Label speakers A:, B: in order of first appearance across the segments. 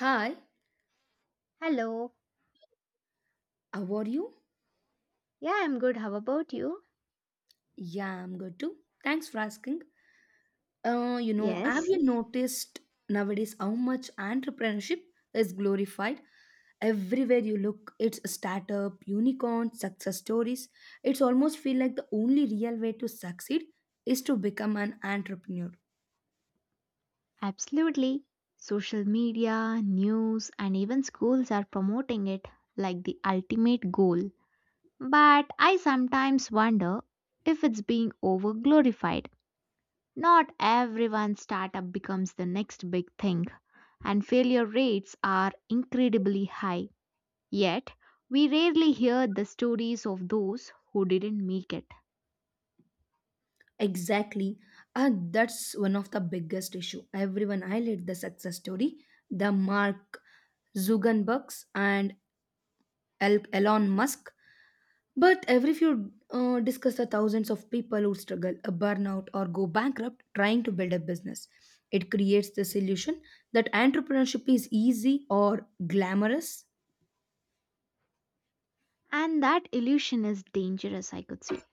A: Hi,
B: Hello.
A: how are you?
B: Yeah, I'm good. How about you?
A: Yeah, I'm good too. Thanks for asking. Have
B: Yes,
A: you noticed nowadays how much entrepreneurship is glorified? Everywhere you look, it's a startup, unicorn, success stories. It's almost feel like the only real way to succeed is to become an entrepreneur.
B: absolutely. Social media, news, and even schools are promoting it like the ultimate goal. But I sometimes wonder if it's being over glorified. Not everyone's startup becomes the next big thing, and failure rates are incredibly high. Yet, we rarely hear the stories of those who didn't make it.
A: Exactly. And that's one of the biggest issue. Everyone highlight the success story, the Mark Zuckerbergs and Elon Musk. But every few discuss the thousands of people who struggle, a burnout, or go bankrupt trying to build a business. It creates the illusion that entrepreneurship is easy or glamorous.
B: And that illusion is dangerous, I could say.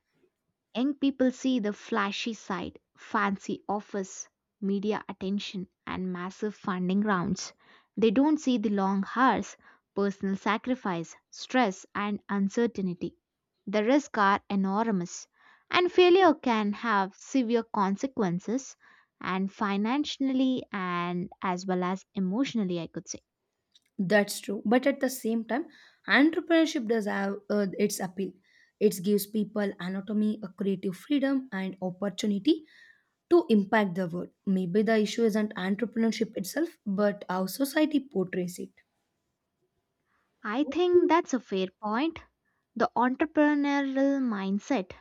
B: Young people see the flashy side, fancy office, media attention, and massive funding rounds. They don't see the long hours, personal sacrifice, stress, and uncertainty. The risks are enormous, and failure can have severe consequences, and financially and as well as emotionally, I could say.
A: That's true. But at the same time, entrepreneurship does have its appeal. It gives people autonomy, a creative freedom, and opportunity to impact the world. Maybe the issue isn't entrepreneurship itself, but how society portrays it.
B: I think that's a fair point. The entrepreneurial mindset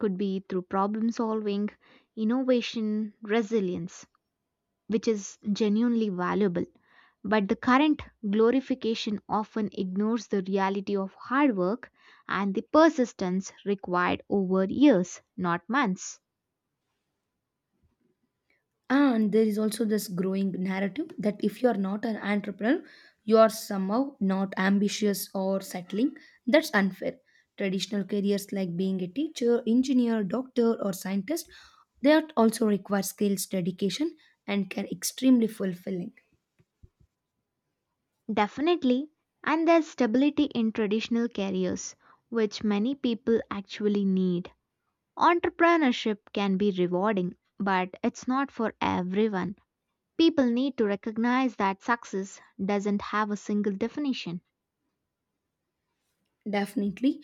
B: could be through problem solving, innovation, resilience, which is genuinely valuable. But the current glorification often ignores the reality of hard work and the persistence required over years, not months.
A: And there is also this growing narrative that if you are not an entrepreneur, you are somehow not ambitious or settling. That's unfair. Traditional careers like being a teacher, engineer, doctor, or scientist, they are also require skills, dedication, and can extremely fulfilling.
B: Definitely, and there's stability in traditional careers, which many people actually need. Entrepreneurship can be rewarding, but it's not for everyone. People need to recognize that success doesn't have a single definition.
A: Definitely.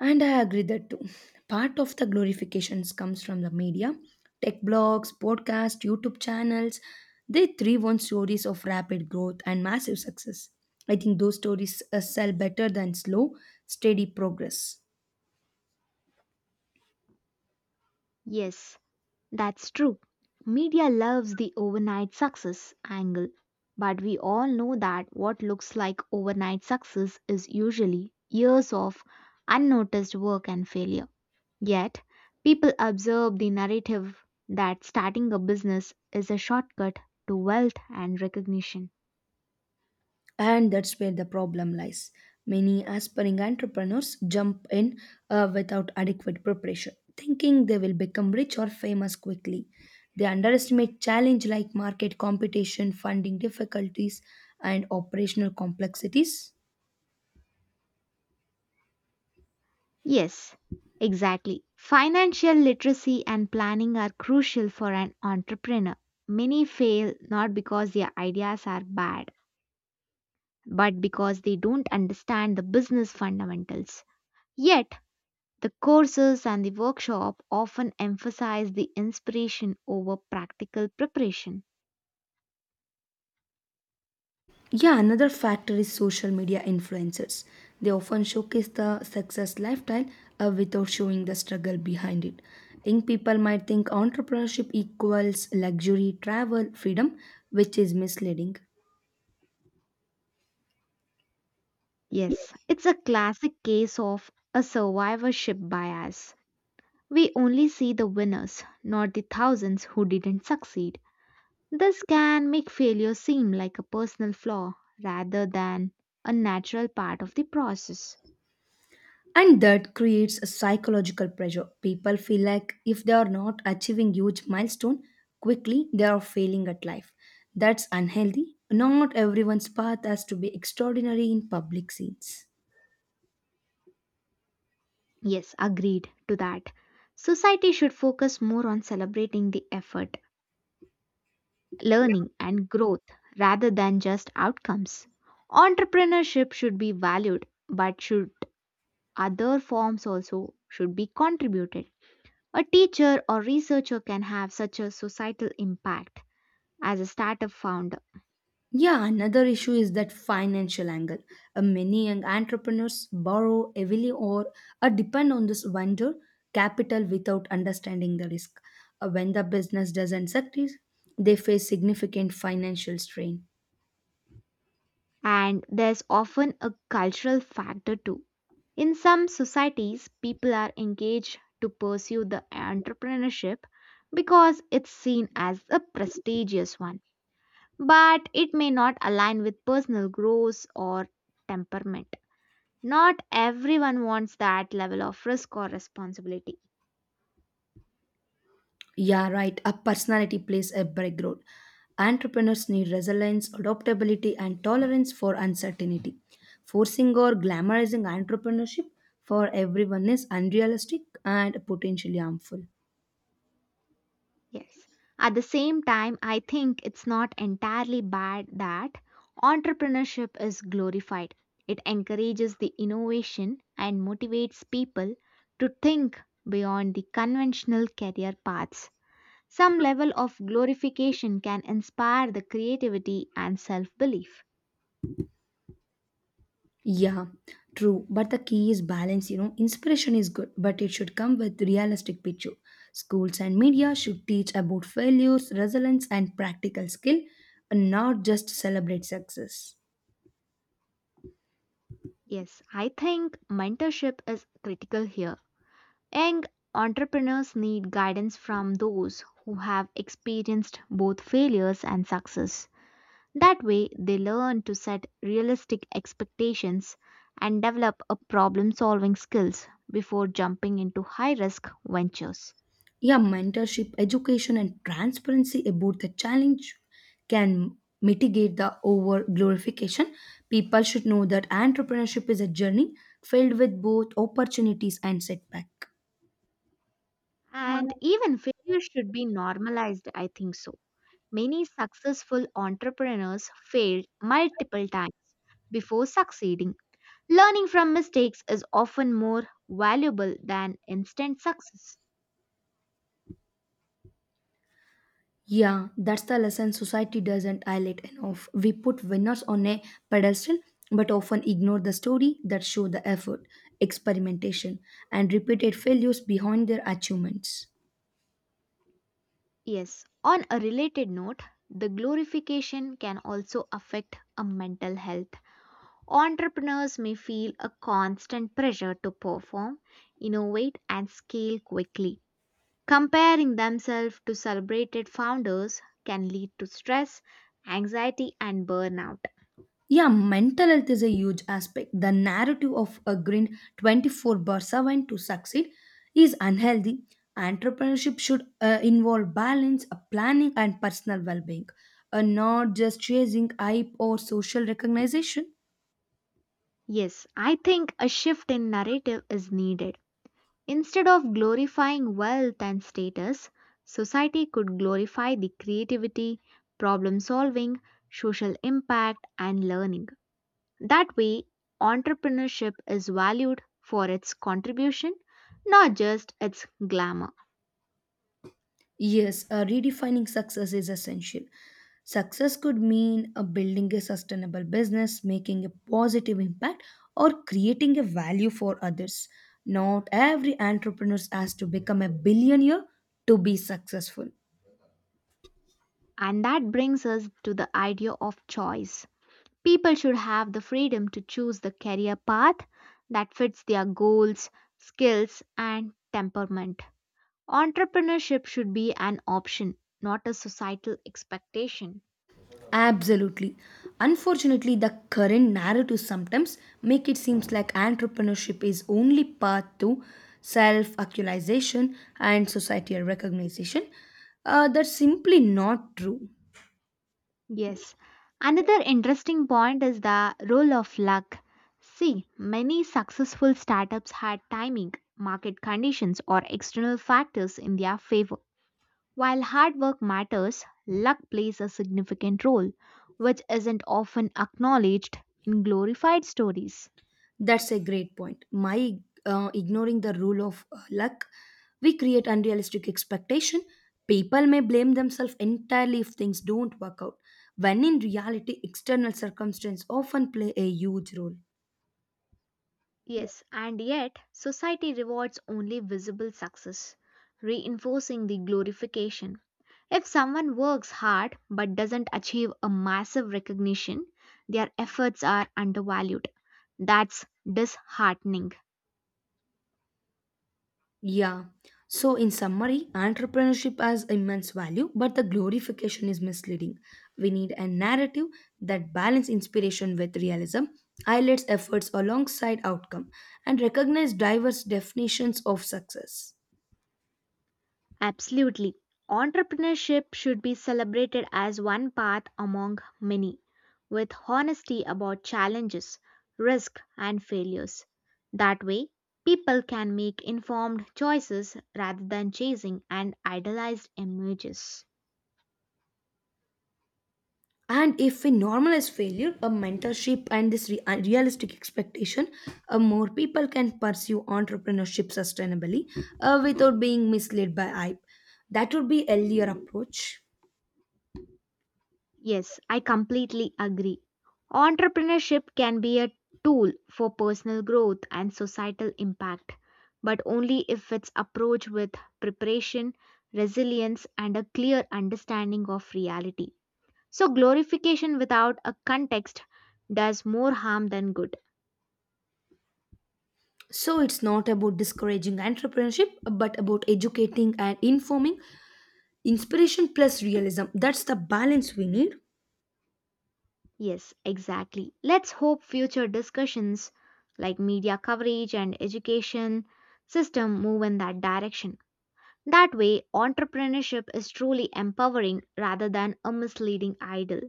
A: And I agree that too. Part of the glorifications comes from the media, tech blogs, podcasts, YouTube channels. They thrive on stories of rapid growth and massive success. I think those stories sell better than slow, steady progress.
B: Yes, that's true. Media loves the overnight success angle, but we all know that what looks like overnight success is usually years of unnoticed work and failure. Yet, people observe the narrative that starting a business is a shortcut to wealth and recognition.
A: And that's where the problem lies. Many aspiring entrepreneurs jump in without adequate preparation, thinking they will become rich or famous quickly. They underestimate challenges like market competition, funding difficulties, and operational complexities.
B: Yes, exactly. Financial literacy and planning are crucial for an entrepreneur. Many fail not because their ideas are bad, but because they don't understand the business fundamentals. Yet, the courses and the workshop often emphasize the inspiration over practical preparation.
A: Yeah, another factor is social media influencers. They often showcase the success lifestyle without showing the struggle behind it. Young people might think entrepreneurship equals luxury, travel, freedom, which is misleading.
B: Yes, it's a classic case of a survivorship bias. We only see the winners, not the thousands who didn't succeed. This can make failure seem like a personal flaw rather than a natural part of the process.
A: And that creates a psychological pressure. People feel like if they are not achieving huge milestone quickly, they are failing at life. That's unhealthy. Not everyone's path has to be extraordinary in public scenes.
B: Yes, agreed to that. Society should focus more on celebrating the effort, learning, and growth rather than just outcomes. Entrepreneurship should be valued, but should other forms also should be contributed. A teacher or researcher can have such a societal impact as a startup founder
A: Yeah, another issue is that financial angle. Many young entrepreneurs borrow heavily or depend on this venture capital without understanding the risk. When the business doesn't succeed, they face significant financial strain.
B: and there's often a cultural factor too. In some societies, people are engaged to pursue the entrepreneurship because it's seen as a prestigious one, but it may not align with personal growth or temperament. Not everyone wants that level of risk or responsibility.
A: Yeah, right. A personality plays a big role. Entrepreneurs need resilience, adaptability, and tolerance for uncertainty. Forcing or glamorizing entrepreneurship for everyone is unrealistic and potentially harmful.
B: Yes. At the same time, I think it's not entirely bad that entrepreneurship is glorified. It encourages the innovation and motivates people to think beyond the conventional career paths. Some level of glorification can inspire the creativity and self belief.
A: Yeah, true. But the key is balance. Inspiration is good, but it should come with realistic picture. Schools and media should teach about failures, resilience, and practical skill, and not just celebrate success.
B: Yes, I think mentorship is critical here. Young entrepreneurs need guidance from those who have experienced both failures and success. That way, they learn to set realistic expectations and develop a problem solving skills before jumping into high risk ventures.
A: Yeah, mentorship, education, and transparency about the challenge can mitigate the over glorification. People should know that entrepreneurship is a journey filled with both opportunities and setback.
B: And even failure should be normalized, I think so. Many successful entrepreneurs failed multiple times before succeeding. Learning from mistakes is often more valuable than instant success.
A: Yeah, that's the lesson society doesn't highlight enough. We put winners on a pedestal but often ignore the story that show the effort, experimentation, and repeated failures behind their achievements.
B: Yes, on a related note, the glorification can also affect a mental health. Entrepreneurs may feel a constant pressure to perform, innovate, and scale quickly. Comparing themselves to celebrated founders can lead to stress, anxiety, and burnout.
A: Yeah, mental health is a huge aspect. The narrative of agreeing 24 bar 7 to succeed is unhealthy. Entrepreneurship should involve balance, planning, and personal well being, and not just chasing hype or social recognition.
B: Yes, I think a shift in narrative is needed. Instead of glorifying wealth and status, society could glorify the creativity, problem solving, social impact, and learning. That way, entrepreneurship is valued for its contribution, not just its glamour.
A: Yes, redefining success is essential. Success could mean building a sustainable business, making a positive impact, or creating a value for others. Not every entrepreneur has to become a billionaire to be successful.
B: And that brings us to the idea of choice. People should have the freedom to choose the career path that fits their goals, skills, and temperament. Entrepreneurship should be an option, not a societal expectation.
A: Absolutely. Unfortunately, the current narrative sometimes make it seems like entrepreneurship is only path to self-actualization and societal recognition. That's simply not true.
B: Yes. Another interesting point is the role of luck. See, many successful startups had timing, market conditions, or external factors in their favor. While hard work matters, luck plays a significant role, which isn't often acknowledged in glorified stories.
A: That's a great point. My ignoring the rule of luck, we create unrealistic expectation. People may blame themselves entirely if things don't work out, when in reality, external circumstances often play a huge role.
B: Yes, and yet society rewards only visible success, reinforcing the glorification. If someone works hard but doesn't achieve a massive recognition, their efforts are undervalued. That's disheartening.
A: Yeah. So, in summary, entrepreneurship has immense value, but the glorification is misleading. We need a narrative that balances inspiration with realism, highlights efforts alongside outcome, and recognizes diverse definitions of success.
B: Absolutely. Entrepreneurship should be celebrated as one path among many, with honesty about challenges, risk, and failures. That way, people can make informed choices rather than chasing an idealized images.
A: And if we normalize failure a mentorship and this realistic expectation, more people can pursue entrepreneurship sustainably without being misled by hype. That would be a healthier approach.
B: Yes, I completely agree. Entrepreneurship can be a tool for personal growth and societal impact, but only if it's approached with preparation, resilience, and a clear understanding of reality. So, glorification without a context does more harm than good.
A: So it's not about discouraging entrepreneurship but about educating and informing. Inspiration plus realism, that's the balance we need.
B: Yes, exactly. Let's hope future discussions like media coverage and education system move in that direction. That way, entrepreneurship is truly empowering rather than a misleading idol.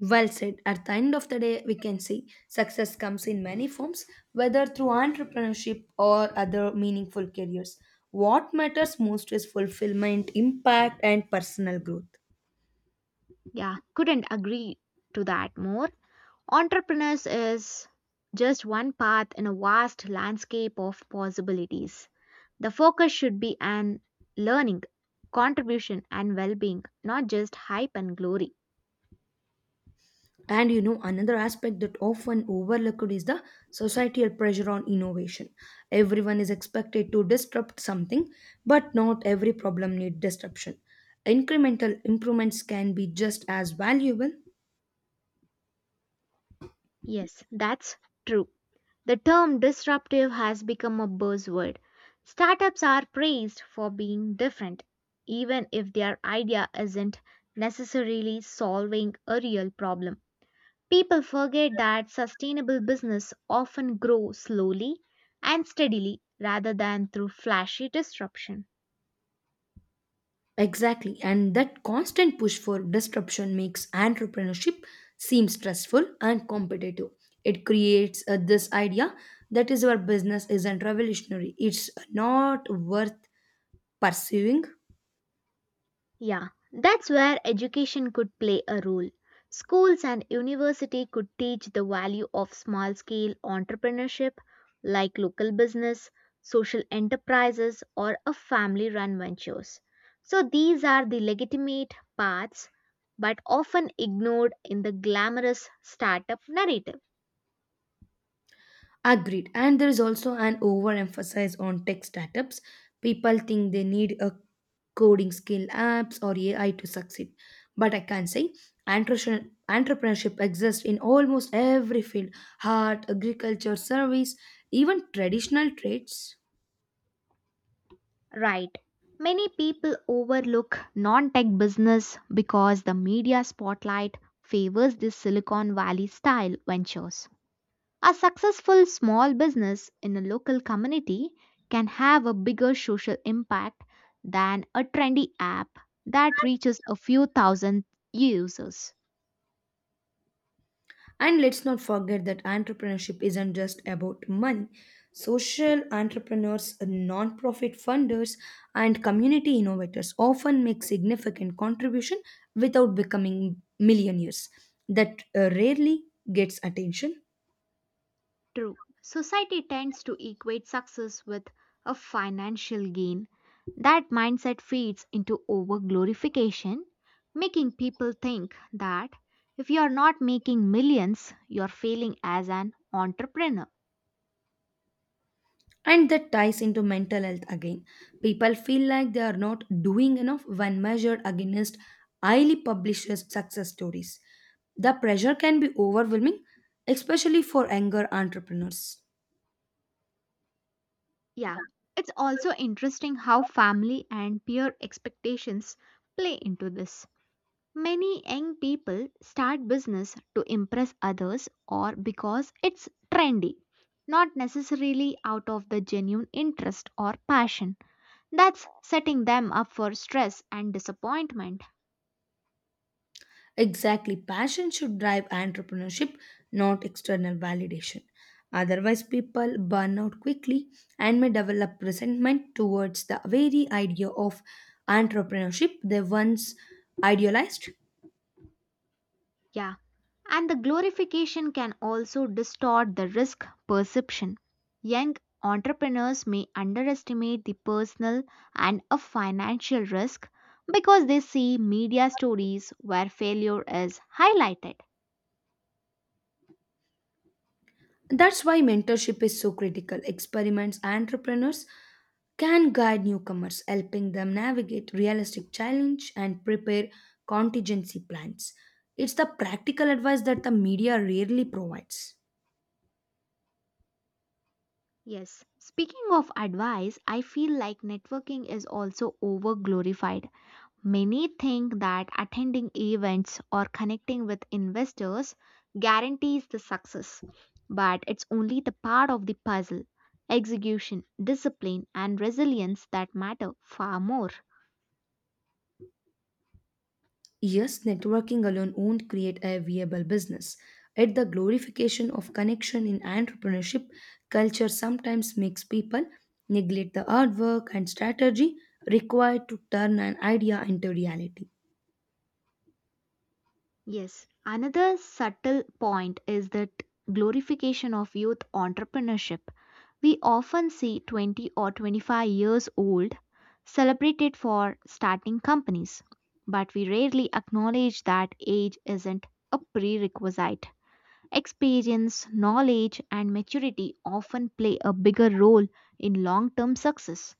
A: Well said. At the end of the day, we can see success comes in many forms, whether through entrepreneurship or other meaningful careers. What matters most is fulfillment, impact, and personal growth.
B: Yeah, couldn't agree to that more. Entrepreneurs is just one path in a vast landscape of possibilities. The focus should be on learning, contribution, and well being, not just hype and glory.
A: And another aspect that often overlooked is the societal pressure on innovation. Everyone is expected to disrupt something, but not every problem needs disruption. Incremental improvements can be just as valuable.
B: Yes, that's true. The term disruptive has become a buzzword. Startups are praised for being different, even if their idea isn't necessarily solving a real problem. People forget that sustainable business often grow slowly and steadily rather than through flashy disruption.
A: Exactly, and that constant push for disruption makes entrepreneurship seem stressful and competitive. It creates this idea that is your business isn't revolutionary, it's not worth pursuing.
B: Yeah, that's where education could play a role. Schools and university could teach the value of small scale entrepreneurship like local business, social enterprises or a family run ventures. So these are the legitimate paths but often ignored in the glamorous startup narrative.
A: Agreed. And there is also an overemphasis on tech startups. People think they need a coding skill apps or AI to succeed. But I can say entrepreneurship exists in almost every field art, agriculture, service, even traditional trades.
B: Right. Many people overlook non tech business because the media spotlight favors this Silicon Valley style ventures. A successful small business in a local community can have a bigger social impact than a trendy app that reaches a few thousand users.
A: And let's not forget that entrepreneurship isn't just about money. Social entrepreneurs, non-profit funders, and community innovators often make significant contribution without becoming millionaires. That rarely gets attention.
B: True. Society tends to equate success with a financial gain. That mindset feeds into over glorification, making people think that if you are not making millions, you're failing as an entrepreneur.
A: And that ties into mental health again. People feel like they are not doing enough when measured against highly published success stories. The pressure can be overwhelming, especially for younger entrepreneurs.
B: Yeah, it's also interesting how family and peer expectations play into this. Many young people start business to impress others or because it's trendy, not necessarily out of the genuine interest or passion. That's setting them up for stress and disappointment.
A: Exactly. Passion should drive entrepreneurship, not external validation. Otherwise, people burn out quickly and may develop resentment towards the very idea of entrepreneurship they once idealized.
B: Yeah. And the glorification can also distort the risk perception. Young entrepreneurs may underestimate the personal and a financial risk because they see media stories where failure is highlighted.
A: That's why mentorship is so critical. Experiments entrepreneurs can guide newcomers, helping them navigate realistic challenge and prepare contingency plans. It's the practical advice that the media rarely provides.
B: Yes. Speaking of advice, I feel like networking is also over glorified. Many think that attending events or connecting with investors guarantees the success, but it's only the part of the puzzle. Execution, discipline, and resilience that matter far more.
A: Yes, networking alone won't create a viable business. Yet the glorification of connection in entrepreneurship culture sometimes makes people neglect the hard work and strategy required to turn an idea into reality.
B: Yes, another subtle point is that glorification of youth entrepreneurship. We often see 20 or 25 years old celebrated for starting companies, but we rarely acknowledge that age isn't a prerequisite. Experience, knowledge, and maturity often play a bigger role in long term success.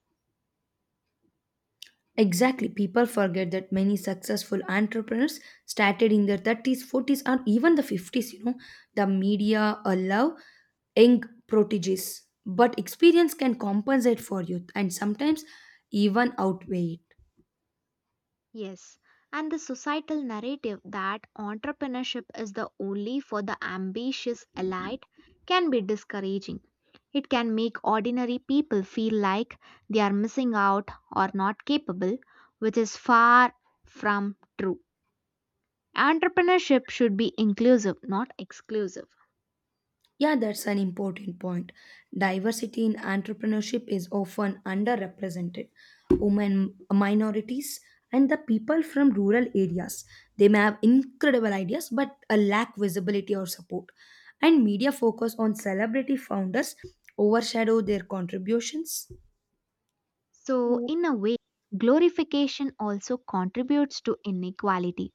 A: Exactly, people forget that many successful entrepreneurs started in their 30s, 40s, or even the 50s. You know, the media allow young proteges, but experience can compensate for youth and sometimes even outweigh it.
B: Yes, and the societal narrative that entrepreneurship is the only for the ambitious elite can be discouraging. It can make ordinary people feel like they are missing out or not capable, which is far from true. Entrepreneurship should be inclusive, not exclusive.
A: Yeah, that's an important point. Diversity in entrepreneurship is often underrepresented. Women, minorities, and the people from rural areas. They may have incredible ideas but a lack visibility or support. And media focus on celebrity founders overshadow their contributions.
B: So, in a way, glorification also contributes to inequality.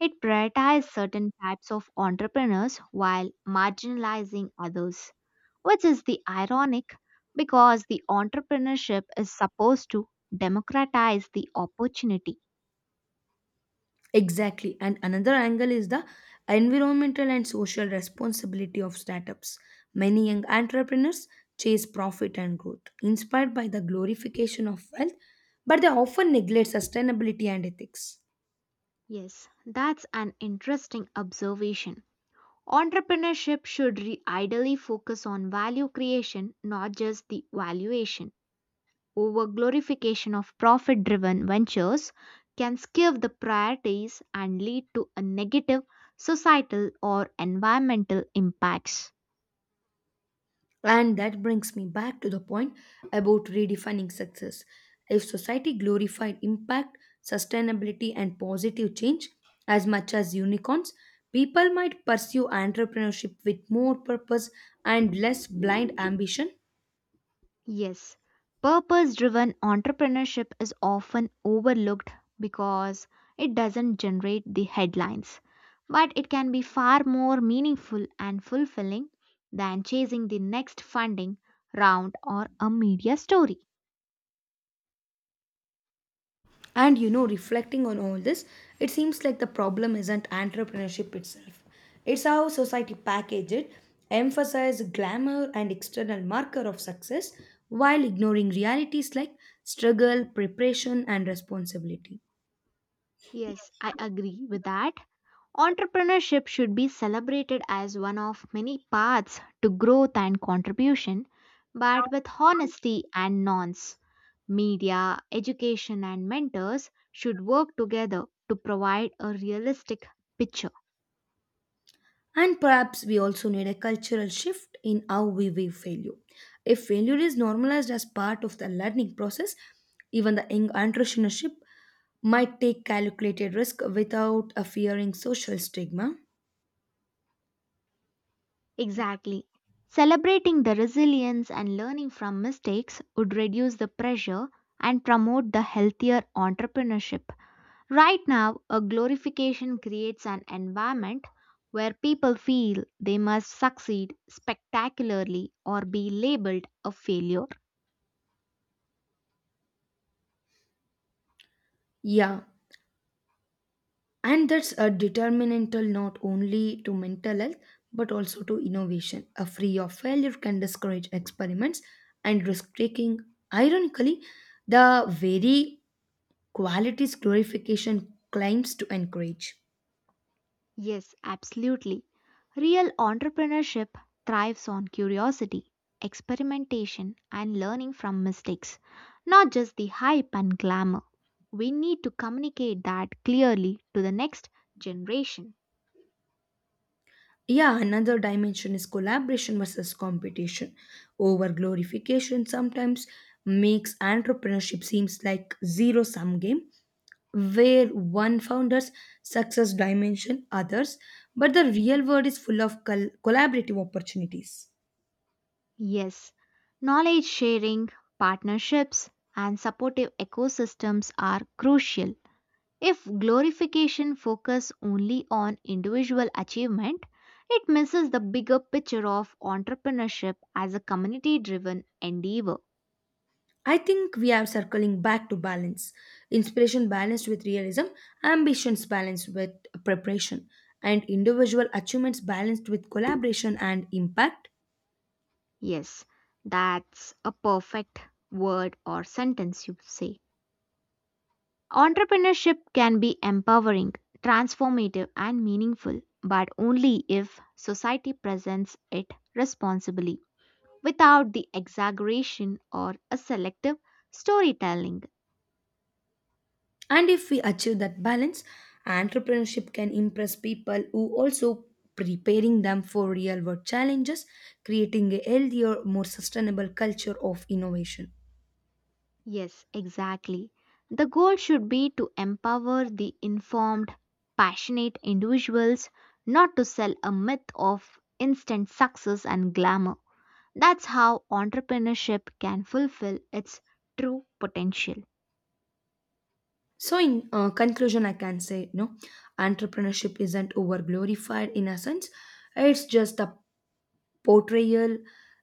B: It prioritizes certain types of entrepreneurs while marginalizing others, which is the ironic because the entrepreneurship is supposed to democratize the opportunity.
A: Exactly. And another angle is the environmental and social responsibility of startups. Many young entrepreneurs chase profit and growth, inspired by the glorification of wealth, but they often neglect sustainability and ethics.
B: Yes, that's an interesting observation. Entrepreneurship should ideally focus on value creation, not just the valuation. Over glorification of profit driven ventures can skew the priorities and lead to a negative societal or environmental impacts.
A: And that brings me back to the point about redefining success. If society glorified impact, sustainability, and positive change as much as unicorns, people might pursue entrepreneurship with more purpose and less blind ambition.
B: Yes, purpose driven entrepreneurship is often overlooked because it doesn't generate the headlines, but it can be far more meaningful and fulfilling than chasing the next funding round or a media story.
A: And reflecting on all this, it seems like the problem isn't entrepreneurship itself. It's how society packages it, emphasize glamour and external marker of success while ignoring realities like struggle, preparation and responsibility.
B: Yes, I agree with that. Entrepreneurship should be celebrated as one of many paths to growth and contribution, but with honesty and nonce. Media, education, and mentors should work together to provide a realistic picture.
A: And perhaps we also need a cultural shift in how we view failure. If failure is normalized as part of the learning process, even the young entrepreneurship might take calculated risk without a fearing social stigma.
B: Exactly. Celebrating the resilience and learning from mistakes would reduce the pressure and promote the healthier entrepreneurship. Right now, a glorification creates an environment where people feel they must succeed spectacularly or be labeled a failure.
A: Yeah, and that's a determinantal not only to mental health but also to innovation. A fear of failure can discourage experiments and risk taking. Ironically, the very qualities glorification claims to encourage.
B: Yes, absolutely. Real entrepreneurship thrives on curiosity, experimentation, and learning from mistakes, not just the hype and glamour. We need to communicate that clearly to the next generation.
A: Yeah, another dimension is collaboration versus competition. Over glorification sometimes makes entrepreneurship seems like zero sum game where one founder's success dimension others, but the real world is full of collaborative opportunities.
B: Yes, knowledge sharing, partnerships, and supportive ecosystems are crucial. If glorification focuses only on individual achievement, it misses the bigger picture of entrepreneurship as a community driven endeavor.
A: I think we are circling back to balance. Inspiration balanced with realism, ambitions balanced with preparation, and individual achievements balanced with collaboration and impact.
B: Yes, that's a perfect word or sentence you say. Entrepreneurship can be empowering, transformative, and meaningful, but only if society presents it responsibly, without the exaggeration or a selective storytelling.
A: And if we achieve that balance, entrepreneurship can impress people who also preparing them for real world challenges, creating a healthier, more sustainable culture of innovation.
B: Yes, exactly. The goal should be to empower the informed, passionate individuals, not to sell a myth of instant success and glamour. That's how entrepreneurship can fulfill its true potential.
A: So, in conclusion, I can say no, entrepreneurship isn't over glorified in a sense, it's just the portrayal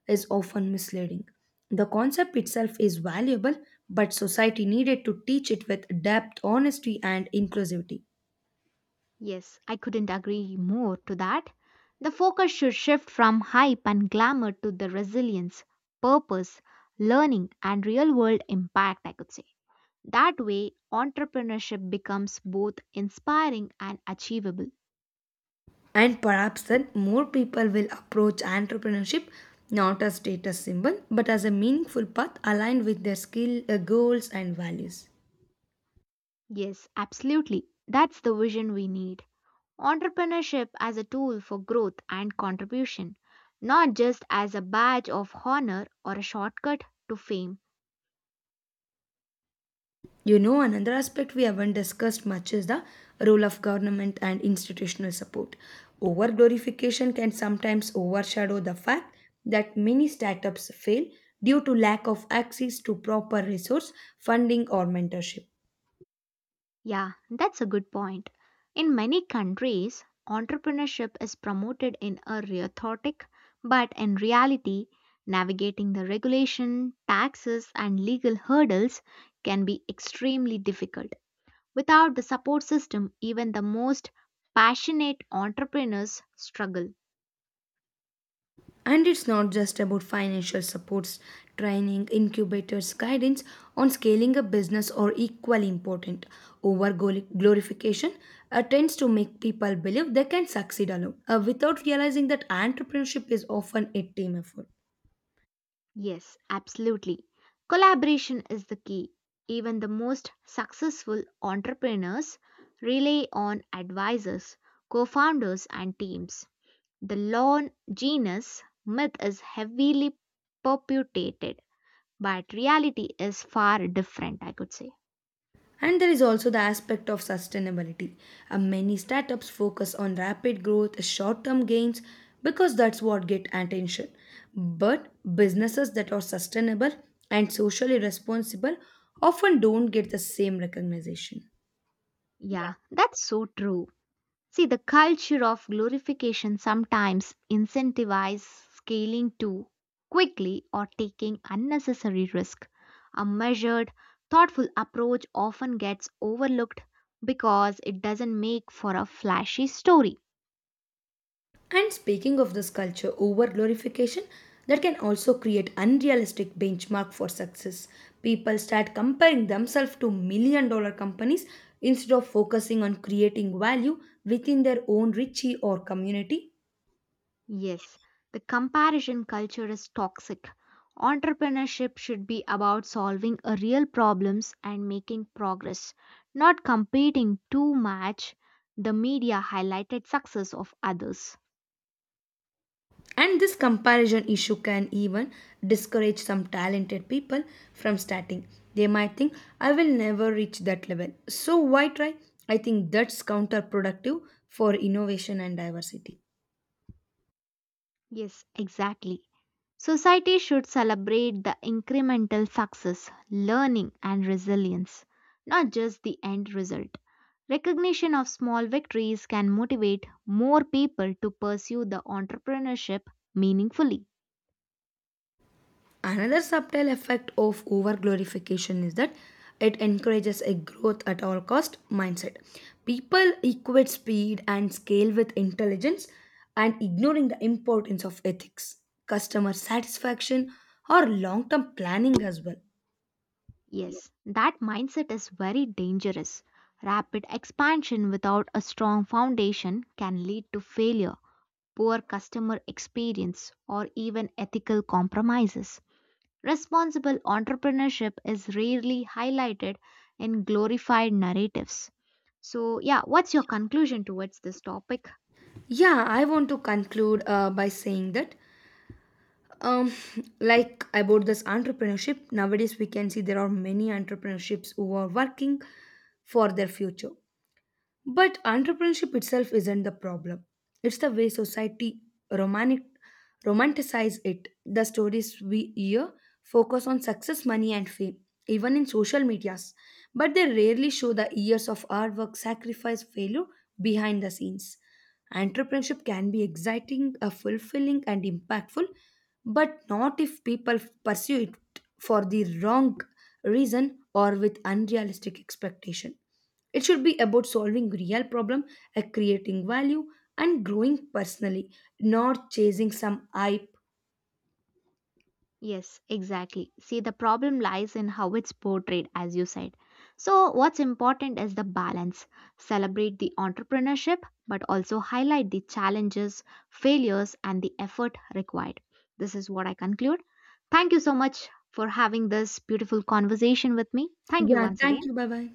A: is often misleading. The concept itself is valuable, but society needed to teach it with depth, honesty, and inclusivity.
B: Yes, I couldn't agree more to that. The focus should shift from hype and glamour to the resilience, purpose, learning, and real world impact, I could say. That way, entrepreneurship becomes both inspiring and achievable.
A: And perhaps then more people will approach entrepreneurship not as status symbol but as a meaningful path aligned with their skill, goals and values.
B: Yes, absolutely. That's the vision we need. Entrepreneurship as a tool for growth and contribution, not just as a badge of honor or a shortcut to fame.
A: Another aspect we haven't discussed much is the role of government and institutional support. Over glorification can sometimes overshadow the fact that many startups fail due to lack of access to proper resource, funding, or mentorship.
B: Yeah, that's a good point. In many countries, entrepreneurship is promoted in a rhetoric, but in reality, navigating the regulation, taxes, and legal hurdles can be extremely difficult. Without the support system, even the most passionate entrepreneurs struggle.
A: And it's not just about financial supports, training, incubators, guidance on scaling a business or equally important. Over glorification tends to make people believe they can succeed alone without realizing that entrepreneurship is often a team effort.
B: Yes, absolutely. Collaboration is the key. Even the most successful entrepreneurs rely on advisors, co founders, and teams. The lone genius myth is heavily perpetuated, but reality is far different, I could say.
A: And there is also the aspect of sustainability. Many startups focus on rapid growth, short term gains, because that's what get attention. But businesses that are sustainable and socially responsible often don't get the same recognition.
B: Yeah, that's so true. See, the culture of glorification sometimes incentivizes scaling too quickly or taking unnecessary risk. A measured, thoughtful approach often gets overlooked because it doesn't make for a flashy story.
A: And speaking of this culture over glorification, that can also create unrealistic benchmark for success. People start comparing themselves to million dollar companies instead of focusing on creating value within their own richie or community.
B: Yes, the comparison culture is toxic. Entrepreneurship should be about solving a real problems and making progress, not competing too much the media highlighted success of others.
A: And this comparison issue can even discourage some talented people from starting. They might think, I will never reach that level. So why try? I think that's counterproductive for innovation and diversity.
B: Yes, exactly. Society should celebrate the incremental success, learning, and resilience, not just the end result. Recognition of small victories can motivate more people to pursue the entrepreneurship meaningfully.
A: Another subtle effect of over glorification is that it encourages a growth at all cost mindset. People equate speed and scale with intelligence and ignoring the importance of ethics, customer satisfaction, or long term planning as well.
B: Yes, that mindset is very dangerous. Rapid expansion without a strong foundation can lead to failure, poor customer experience, or even ethical compromises. Responsible entrepreneurship is rarely highlighted in glorified narratives. So, yeah, what's your conclusion towards this topic?
A: Yeah, I want to conclude by saying that, um, like about this entrepreneurship, nowadays we can see there are many entrepreneurships who are working for their future. But entrepreneurship itself isn't the problem. It's the way society romantic, romanticize it. The stories we hear focus on success, money, and fame, even in social medias. But they rarely show the years of hard work, sacrifice, failure behind the scenes. Entrepreneurship can be exciting, fulfilling, and impactful, but not if people pursue it for the wrong reason or with unrealistic expectation. It should be about solving real problem, creating value, and growing personally, not chasing some hype.
B: Yes, exactly. See, the problem lies in how it's portrayed, as you said. So, what's important is the balance. Celebrate the entrepreneurship, but also highlight the challenges, failures, and the effort required. This is what I conclude. Thank you so much for having this beautiful conversation with me. Thank you
A: Yeah,
B: once
A: thank
B: again.
A: you. Bye bye.